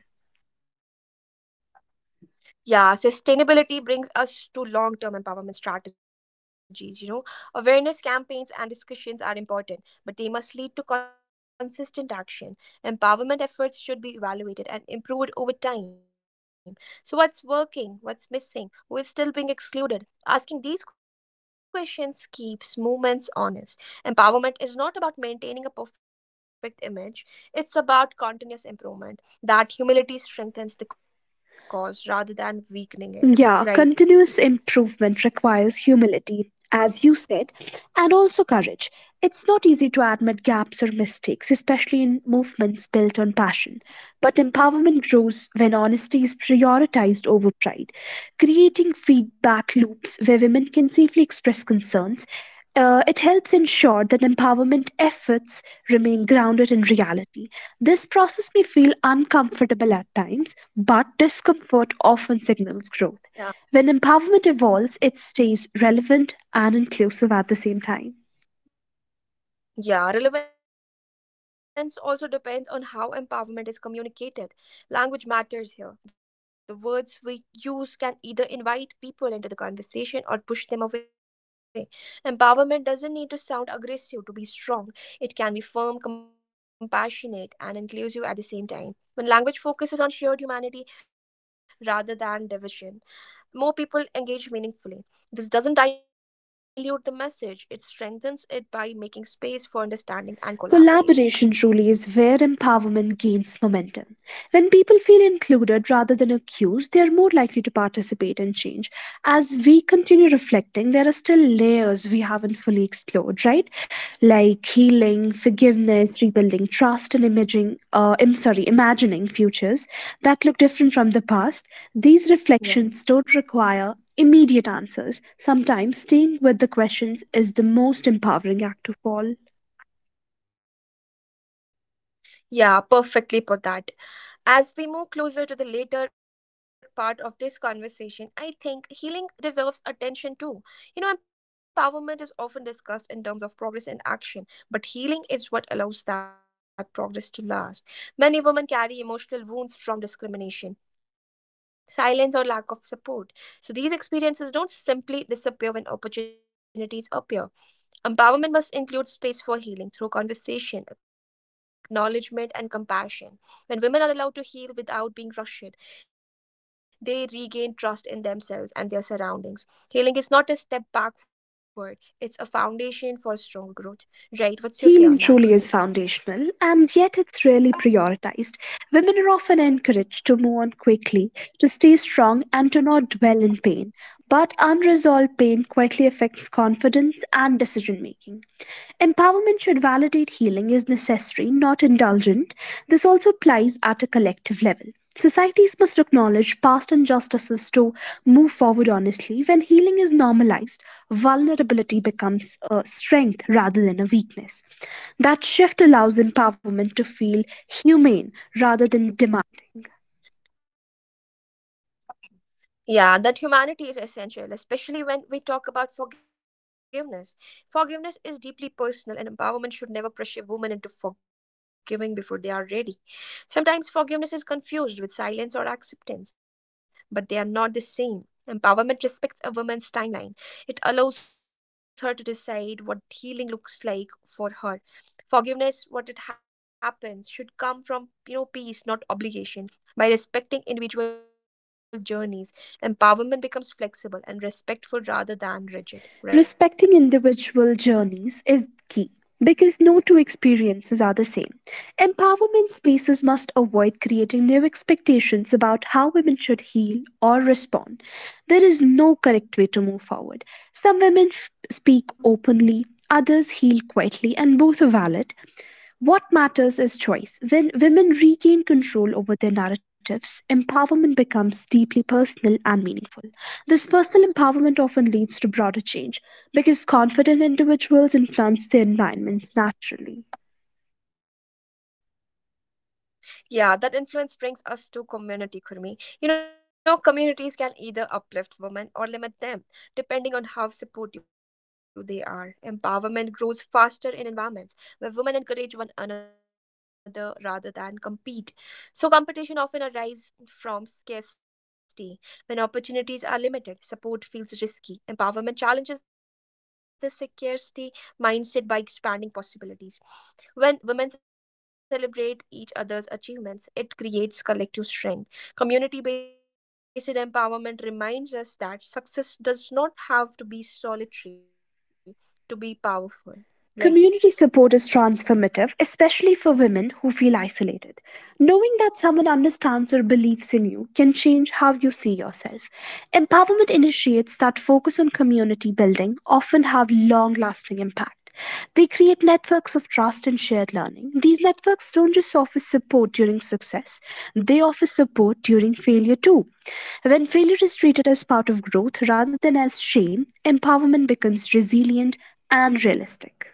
S1: Yeah, sustainability brings us to long term empowerment strategies. You know, awareness campaigns and discussions are important, but they must lead to consistent action. Empowerment efforts should be evaluated and improved over time. So, what's working? What's missing? Who is still being excluded? Asking these questions keeps movements honest. Empowerment is not about maintaining a perfect image, it's about continuous improvement that humility strengthens the cause rather than weakening it.
S2: Yeah,
S1: Right.
S2: continuous improvement requires humility, as you said, and also courage. It's not easy to admit gaps or mistakes, especially in movements built on passion. But empowerment grows when honesty is prioritized over pride, creating feedback loops where women can safely express concerns uh, it helps ensure that empowerment efforts remain grounded in reality. This process may feel uncomfortable at times, but discomfort often signals growth.
S1: Yeah.
S2: When empowerment evolves, it stays relevant and inclusive at the same time.
S1: Yeah, relevance also depends on how empowerment is communicated. Language matters here. The words we use can either invite people into the conversation or push them away. Empowerment doesn't need to sound aggressive to be strong. It can be firm, compassionate, and inclusive at the same time. When language focuses on shared humanity rather than division, more people engage meaningfully. This doesn't dilute the message, it strengthens it by making space for understanding and
S2: Collaboration truly
S1: collaboration.
S2: is where empowerment gains momentum. When people feel included rather than accused, they are more likely to participate in change. As we continue reflecting, there are still layers we haven't fully explored, right? Like healing, forgiveness, rebuilding trust, and imaging, uh, I'm sorry, imagining futures that look different from the past. These
S1: Yeah.
S2: reflections don't require immediate answers. Sometimes staying with the questions is the most empowering act of all.
S1: Yeah, perfectly put that. As we move closer to the later part of this conversation, I think healing deserves attention too. You know, empowerment is often discussed in terms of progress and action, but healing is what allows that progress to last. Many women carry emotional wounds from discrimination. Silence or lack of support. So these experiences don't simply disappear when opportunities appear. Empowerment must include space for healing through conversation, acknowledgement, and compassion. When women are allowed to heal without being rushed, they regain trust in themselves and their surroundings. Healing is not a step backward, it's a foundation for stronger growth. Right,
S2: Healing
S1: what's your
S2: truly
S1: say
S2: is
S1: on that, Gurmeet?
S2: foundational, and yet it's rarely prioritized. Women are often encouraged to move on quickly, to stay strong, and to not dwell in pain. But unresolved pain quietly affects confidence and decision making. Empowerment should validate healing is necessary, not indulgent. This also applies at a collective level. Societies must acknowledge past injustices to move forward honestly. When healing is normalized, vulnerability becomes a strength rather than a weakness. That shift allows empowerment to feel humane rather than demanding.
S1: Yeah, that humanity is essential, especially when we talk about forgiveness. Forgiveness is deeply personal, and empowerment should never pressure women into forgiving before they are ready. Sometimes forgiveness is confused with silence or acceptance, but they are not the same. Empowerment respects a woman's timeline, it allows her to decide what healing looks like for her. Forgiveness, what it happens, should come from you know peace, not obligation. By respecting individual journeys, empowerment becomes flexible and respectful rather than rigid,
S2: Respecting
S1: right?
S2: individual journeys is key because no two experiences are the same. Empowerment spaces must avoid creating new expectations about how women should heal or respond. There is no correct way to move forward. Some women f- speak openly, others heal quietly, and both are valid. What matters is choice. When women regain control over their narratives, empowerment becomes deeply personal and meaningful. This personal empowerment often leads to broader change because confident individuals influence their environments naturally.
S1: Yeah, that influence brings us to community, Kurmi. You know, communities can either uplift women or limit them, depending on how supportive they are. Empowerment grows faster in environments where women encourage one another rather than compete. So, competition often arises from scarcity. When opportunities are limited, support feels risky. Empowerment challenges this scarcity mindset by expanding possibilities. When women celebrate each other's achievements, it creates collective strength. Community based empowerment reminds us that success does not have to be solitary to be powerful,
S2: Community
S1: right?
S2: support is transformative, especially for women who feel isolated. Knowing that someone understands or believes in you can change how you see yourself. Empowerment initiates that focus on community building often have long lasting impact. They create networks of trust and shared learning. These networks don't just offer support during success, they offer support during failure too. When failure is treated as part of growth rather than as shame, empowerment becomes resilient and realistic.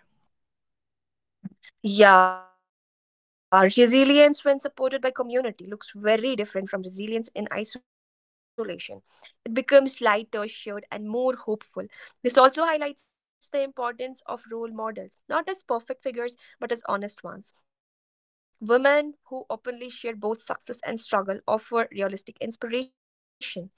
S1: Yeah, resilience when supported by community looks very different from resilience in isolation. It becomes lighter, shared, and more hopeful. This also highlights the importance of role models, not as perfect figures, but as honest ones. Women who openly share both success and struggle offer realistic inspiration.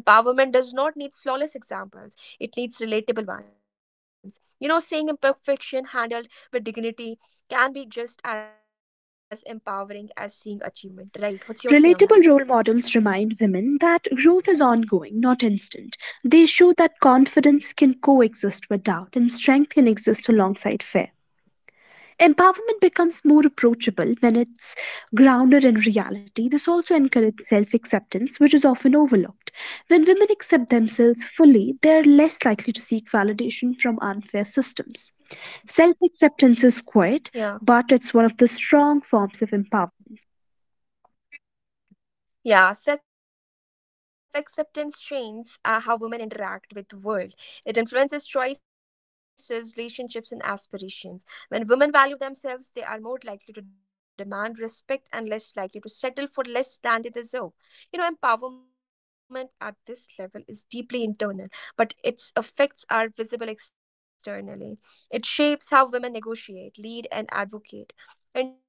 S1: Empowerment does not need flawless examples, it needs relatable ones. You know, seeing imperfection handled with dignity can be just as empowering as seeing achievement, right? What's your
S2: Relatable
S1: say
S2: role
S1: on that?
S2: models remind women that growth is ongoing, not instant. They show that confidence can coexist with doubt and strength can exist alongside fear. Empowerment becomes more approachable when it's grounded in reality. This also encourages self acceptance, which is often overlooked. When women accept themselves fully, they're less likely to seek validation from unfair systems. Self acceptance is quiet, but it's one of the
S1: Yeah.
S2: strong forms of empowerment.
S1: Yeah, self acceptance trains uh, how women interact with the world. It influences choices, relationships, and aspirations. When women value themselves, they are more likely to demand respect and less likely to settle for less than they deserve. You know, empowerment at this level is deeply internal, but its effects are visible externally. It shapes how women negotiate, lead, and advocate.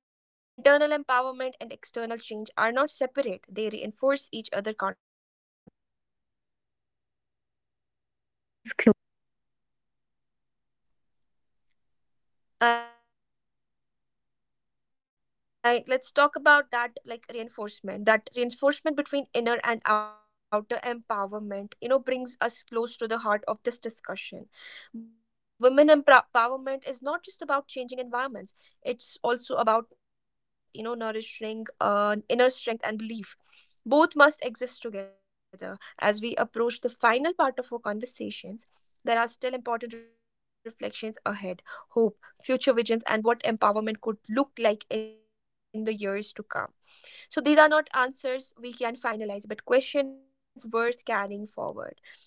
S1: Internal empowerment and external change are not separate, they reinforce
S2: That
S1: each other
S2: reinforcement
S1: continuously. What's your
S2: between
S1: say on
S2: inner and
S1: that?
S2: outer empowerment brings us close to the heart of this discussion.
S1: I
S2: Women
S1: mean,
S2: empowerment is not just
S1: yeah.
S2: about changing environments, it's
S1: I
S2: about
S1: Let's talk about
S2: nurturing
S1: that
S2: inner
S1: like
S2: strength.
S1: reinforcement. That reinforcement between inner and outer empowerment, you know, brings us close to the heart of this discussion. Women empow- empowerment is not just about changing environments. It's also about, you know, nourishing uh, inner strength and belief. Both must exist together. As we approach the final part of our conversations, there are still important reflections ahead. Hope, future visions, and what empowerment could look like in the years to come. So these are not answers we can finalize, but questions worth carrying forward.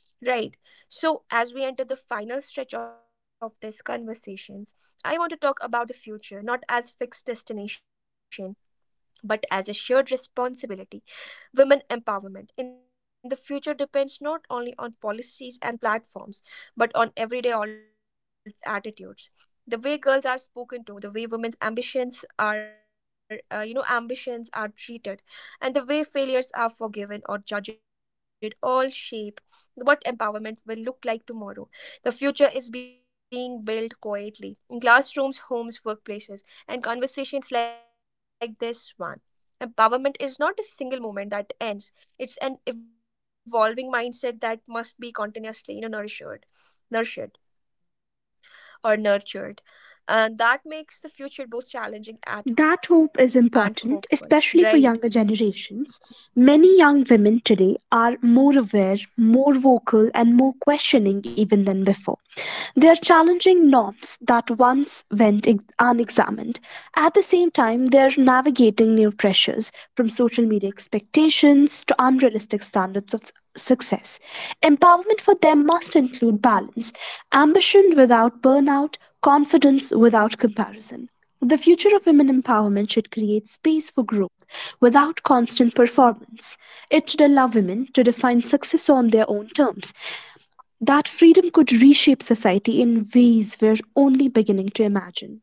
S1: Right. So as we enter the final stretch of this conversations, I want to talk about the future, not as fixed destination, but as a shared responsibility. Women empowerment in the future depends not only on policies and platforms, but on everyday al- attitudes. The way girls are spoken to, the way women's ambitions are, uh, you know, ambitions are treated, and the way failures are forgiven or judged, all shape what empowerment will look like tomorrow. The future is being built quietly in classrooms, homes, workplaces, and conversations like this one. Empowerment is not a single moment that ends. It's an evolving mindset that must be continuously, you know, nourished, nurtured, or nurtured. And that makes the future both
S2: That
S1: challenging
S2: hope
S1: at
S2: is
S1: and
S2: important,
S1: hopeful.
S2: especially for younger
S1: Right.
S2: generations. Many young women today are more aware, more vocal, and more questioning even than before. They are challenging norms that once went ex- unexamined. At the same time, they are navigating new pressures from social media expectations to unrealistic standards of success. Empowerment for them must include balance, ambition without burnout, confidence without comparison. The future of women empowerment should create space for growth without constant performance. It should allow women to define success on their own terms. That freedom could reshape society in ways we're only beginning to imagine.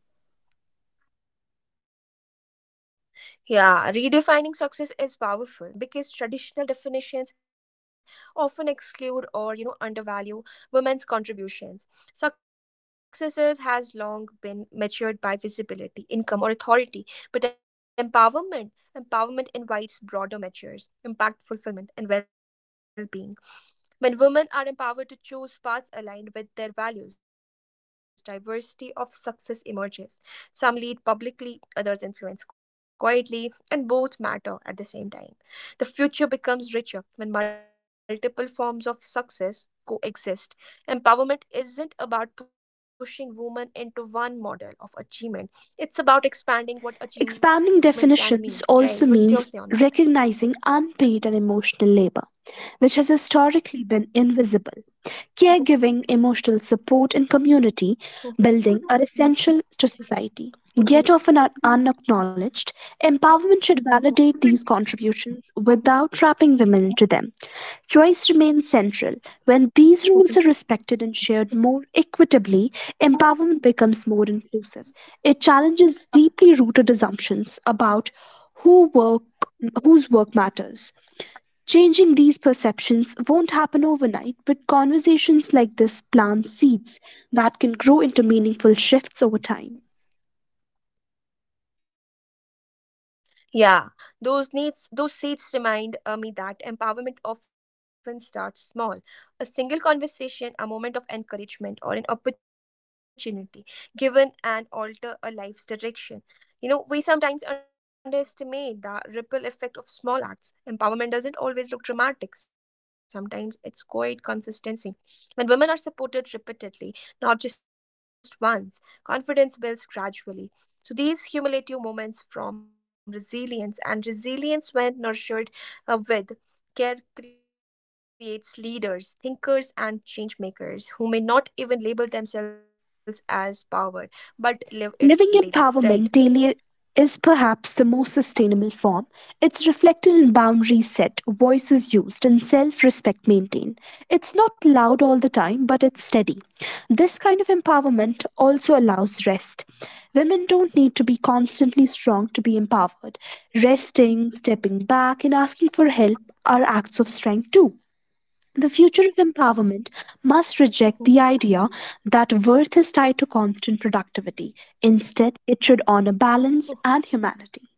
S1: Yeah, redefining success is powerful because traditional definitions often exclude or you know undervalue women's contributions. Successes has long been measured by visibility, income, or authority, but empowerment empowerment invites broader measures, impact, fulfillment, and well-being. When women are empowered to choose paths aligned with their values, diversity of success emerges. Some lead publicly, others influence quietly, and both matter at the same time. The future becomes richer when multiple forms of success coexist. Empowerment isn't about pushing women into one model of achievement, it's about expanding what
S2: Expanding
S1: achievement
S2: definitions
S1: can mean,
S2: also
S1: right?
S2: means
S1: What's your say on that?
S2: recognizing unpaid and emotional labor, which has historically been invisible. Caregiving, emotional support, and community
S1: Mhm,
S2: building are essential to society, yet often are
S1: mhm,
S2: unacknowledged.
S1: mhm.
S2: Empowerment should validate
S1: Mhm.
S2: these contributions without
S1: Mhm.
S2: trapping women into them. Choice remains central. When these rules are respected and
S1: Mhm.
S2: shared more equitably,
S1: Mhm.
S2: empowerment becomes more inclusive. It challenges deeply rooted assumptions about who work whose work matters. Changing these perceptions won't happen overnight, but conversations like this plant seeds that can grow into meaningful shifts over time.
S1: Yeah, those needs, those seeds remind uh, me that empowerment often starts small. A single conversation, a moment of encouragement, or an opportunity given and alter a life's direction. You know, we sometimes underestimate the ripple effect of small acts. Empowerment doesn't always look dramatic, sometimes it's quite consistency. When women are supported repeatedly, not just once, confidence builds gradually so these cumulative moments from resilience and resilience when nurtured uh, with care creates leaders, thinkers, and change makers who may not even label themselves as powered, but live
S2: Living
S1: it
S2: empowerment
S1: daily,
S2: daily
S1: right?
S2: is perhaps the most sustainable form. It's reflected in boundaries set, voices used, and self respect maintained. It's not loud all the time, but it's steady. This
S1: Mhm.
S2: kind of empowerment also allows rest. Women don't need to be constantly strong to be empowered. Resting, stepping back, and asking for help are acts of strength too. The future of empowerment must reject the idea
S1: Mhm.
S2: that worth is tied to constant productivity. Instead, it should honor balance and humanity.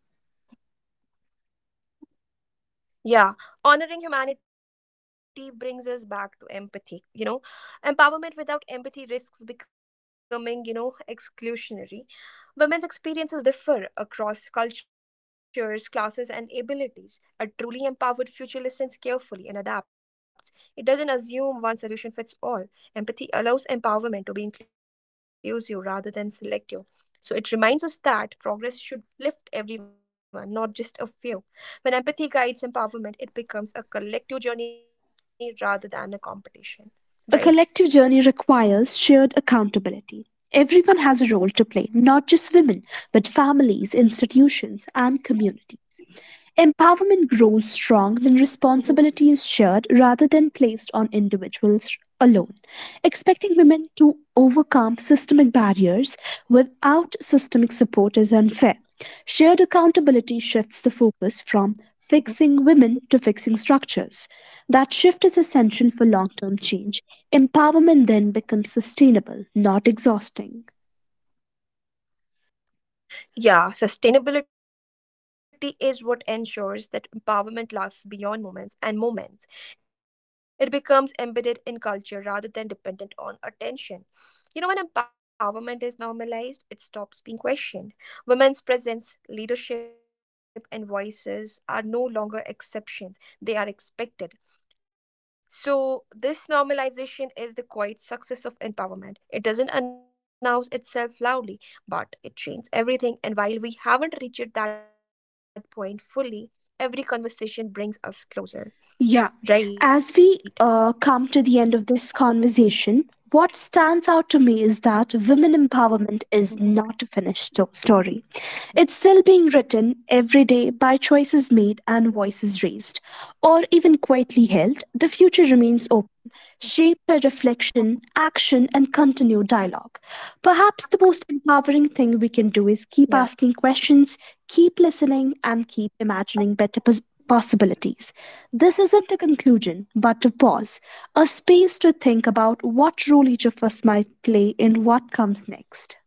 S1: Yeah, honoring humanity brings us back to empathy. You know, empowerment without empathy risks becoming, you know, exclusionary. Women's experiences differ across cultures, classes, and abilities. A truly empowered future listens carefully and adapts. It doesn't assume one solution fits all. Empathy allows empowerment to be inclusive rather than selective. So it reminds us that progress should lift everyone, not just a few. When empathy guides empowerment, it becomes a collective journey rather than a competition,
S2: A collective
S1: right?
S2: journey requires shared accountability. Everyone has a role to play, not just women, but families, institutions, and communities. Empowerment grows strong when responsibility is shared
S1: Hmm.
S2: rather than placed on individuals alone. Expecting women to overcome systemic barriers without systemic support is unfair. Shared accountability shifts the focus from fixing
S1: Hmm.
S2: women to fixing structures. That shift is essential for long term change. Empowerment then becomes sustainable, not exhausting.
S1: Yeah, sustainability is what ensures that empowerment lasts beyond moments and moments. It becomes embedded in culture rather than dependent on attention. You know, when empowerment is normalized, it stops being questioned. Women's presence, leadership, and voices are no longer exceptions, they are expected. So, this normalization is the quiet success of empowerment. It doesn't announce itself loudly, but it changes everything. And while we haven't reached that point fully, every conversation brings us closer.
S2: Yeah. As we
S1: Right?
S2: uh, come to the end of this conversation, what stands out to me is that women empowerment is
S1: Mhm.
S2: not a finished sto- story. It's still being written every day by choices made and voices raised, or even quietly held. The future remains open shape by reflection, action, and continued dialogue. Perhaps the most empowering thing we can do is keep asking
S1: Yeah.
S2: questions, keep listening, and keep imagining better pos- possibilities. This isn't a conclusion, but a pause, a space to think about what role each of us might play in what comes next.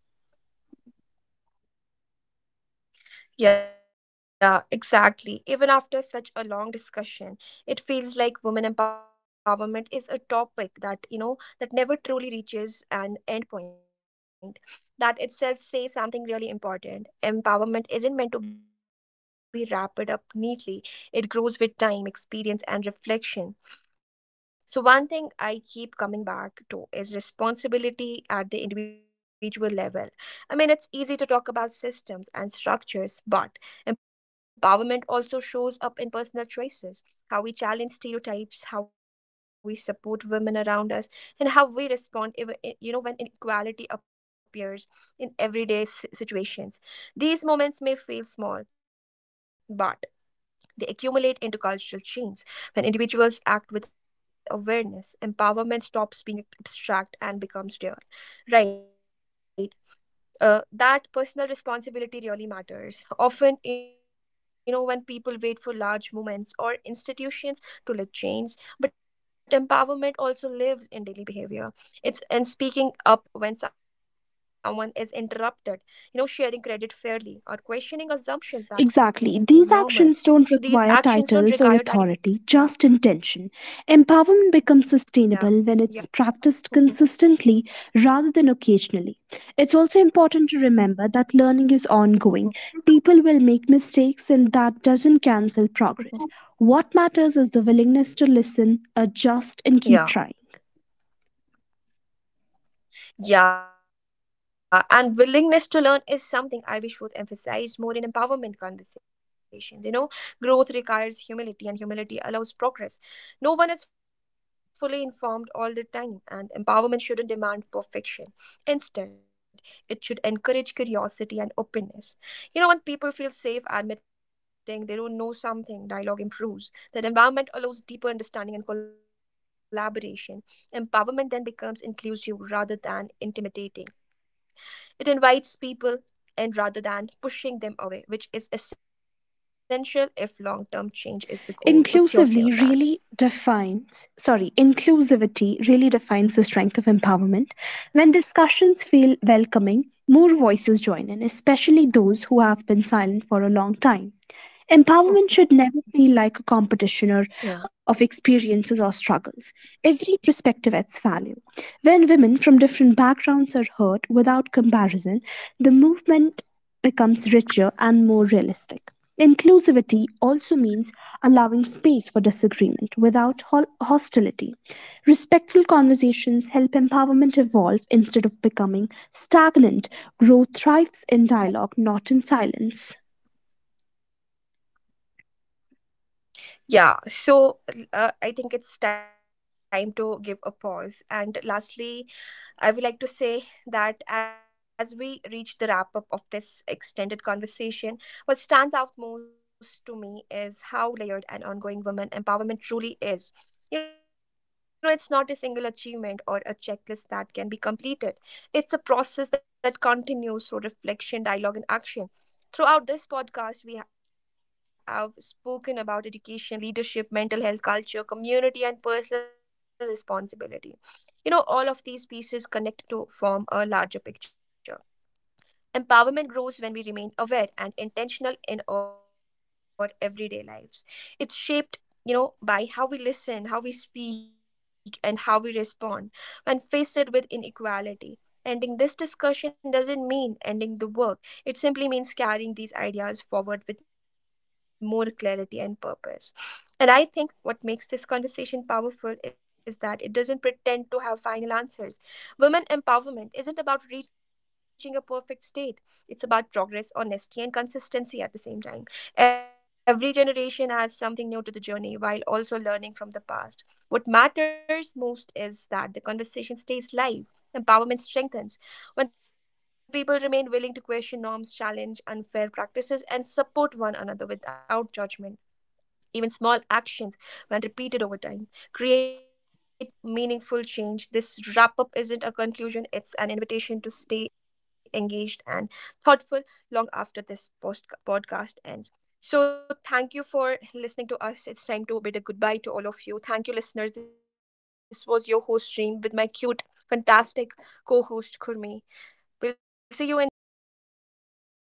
S1: Yeah, exactly. Even after such a long discussion, it feels like women empowerment is a topic that, you know, that never truly reaches an end point. That itself says something really important. Empowerment isn't meant to be wrapped up neatly, it grows with time, experience, and reflection. So, one thing I keep coming back to is responsibility at the individual level. I mean, it's easy to talk about systems and structures, but empowerment also shows up in personal choices, how we challenge stereotypes, how we support women around us, and how we respond if, you know when inequality appears in everyday s- situations. These moments may feel small, but they accumulate into cultural change. When individuals act with awareness, empowerment stops being abstract and becomes real. Right, uh, that personal responsibility really matters. Often, you know, when people wait for large movements or institutions to lift chains, but empowerment also lives in daily behavior. It's in speaking up when someone is interrupted, you know, sharing credit fairly or questioning assumptions
S2: Exactly.
S1: that
S2: These
S1: feel
S2: actions
S1: normal.
S2: don't
S1: So
S2: require
S1: these actions
S2: titles or
S1: don't require
S2: authority, just
S1: titles. Yeah,
S2: intention. Empowerment becomes
S1: yeah,
S2: sustainable when it's
S1: yeah.
S2: practiced
S1: Mhm,
S2: consistently rather than occasionally. It's also important to remember that learning is ongoing.
S1: mhm,
S2: People will make mistakes, and that doesn't cancel progress.
S1: mhm.
S2: What matters is the willingness to listen, adjust, and keep
S1: Yeah.
S2: trying.
S1: Yeah, and willingness to learn is something I wish was emphasized more in empowerment conversations. You know, growth requires humility, and humility allows progress. No one is fully informed all the time, and empowerment shouldn't demand perfection. Instead, it should encourage curiosity and openness. You know, when people feel safe admitting they don't know something, dialogue improves. That environment allows deeper understanding and collaboration. Empowerment then becomes inclusive rather than intimidating. It invites people in rather than pushing them away, which is essential if long term change is the goal. What's your
S2: Inclusively
S1: say on that?
S2: really defines sorry Inclusivity really defines the strength of empowerment. When discussions feel welcoming, more voices join in, especially those who have been silent for a long time.
S1: Oh,
S2: Empowerment should never feel like a competition or of
S1: yeah.
S2: experiences or struggles. Every perspective adds value. When women from different backgrounds are heard without comparison, the movement becomes richer and more realistic. Inclusivity also means allowing space for disagreement without hol- hostility. Respectful conversations help empowerment evolve instead of becoming stagnant. Growth thrives in dialogue, not in silence.
S1: Yeah, so uh, I think it's time to give a pause. And lastly, I would like to say that as we reach the wrap up of this extended conversation, what stands out most to me is how layered and ongoing women empowerment truly is. You know, it's not a single achievement or a checklist that can be completed. It's a process that continues through reflection, dialogue, and action. Throughout this podcast, we have spoken about education, leadership, mental health, culture, community, and personal responsibility. You know, all of these pieces connect to form a larger picture. Empowerment grows when we remain aware and intentional in our everyday lives. It's shaped, you know, by how we listen, how we speak, and how we respond when faced with inequality. Ending this discussion doesn't mean ending the work. It simply means carrying these ideas forward with more clarity and purpose. And I think what makes this conversation powerful is that it doesn't pretend to have final answers. Women empowerment isn't about reaching a perfect state, it's about progress, honesty, and consistency at the same time. Every generation adds something new to the journey while also learning from the past. What matters most is that the conversation stays live. Empowerment strengthens when people remain willing to question norms, challenge unfair practices, and support one another without judgment. Even small actions, when repeated over time, create meaningful change. This wrap up isn't a conclusion, it's an invitation to stay engaged and thoughtful long after this post- podcast ends. So, thank you for listening to us. It's time to bid a goodbye to all of you. Thank you, listeners. This was your host, Reem, with my cute, fantastic co host, Kurmi. We'll see you in the next episode. Thank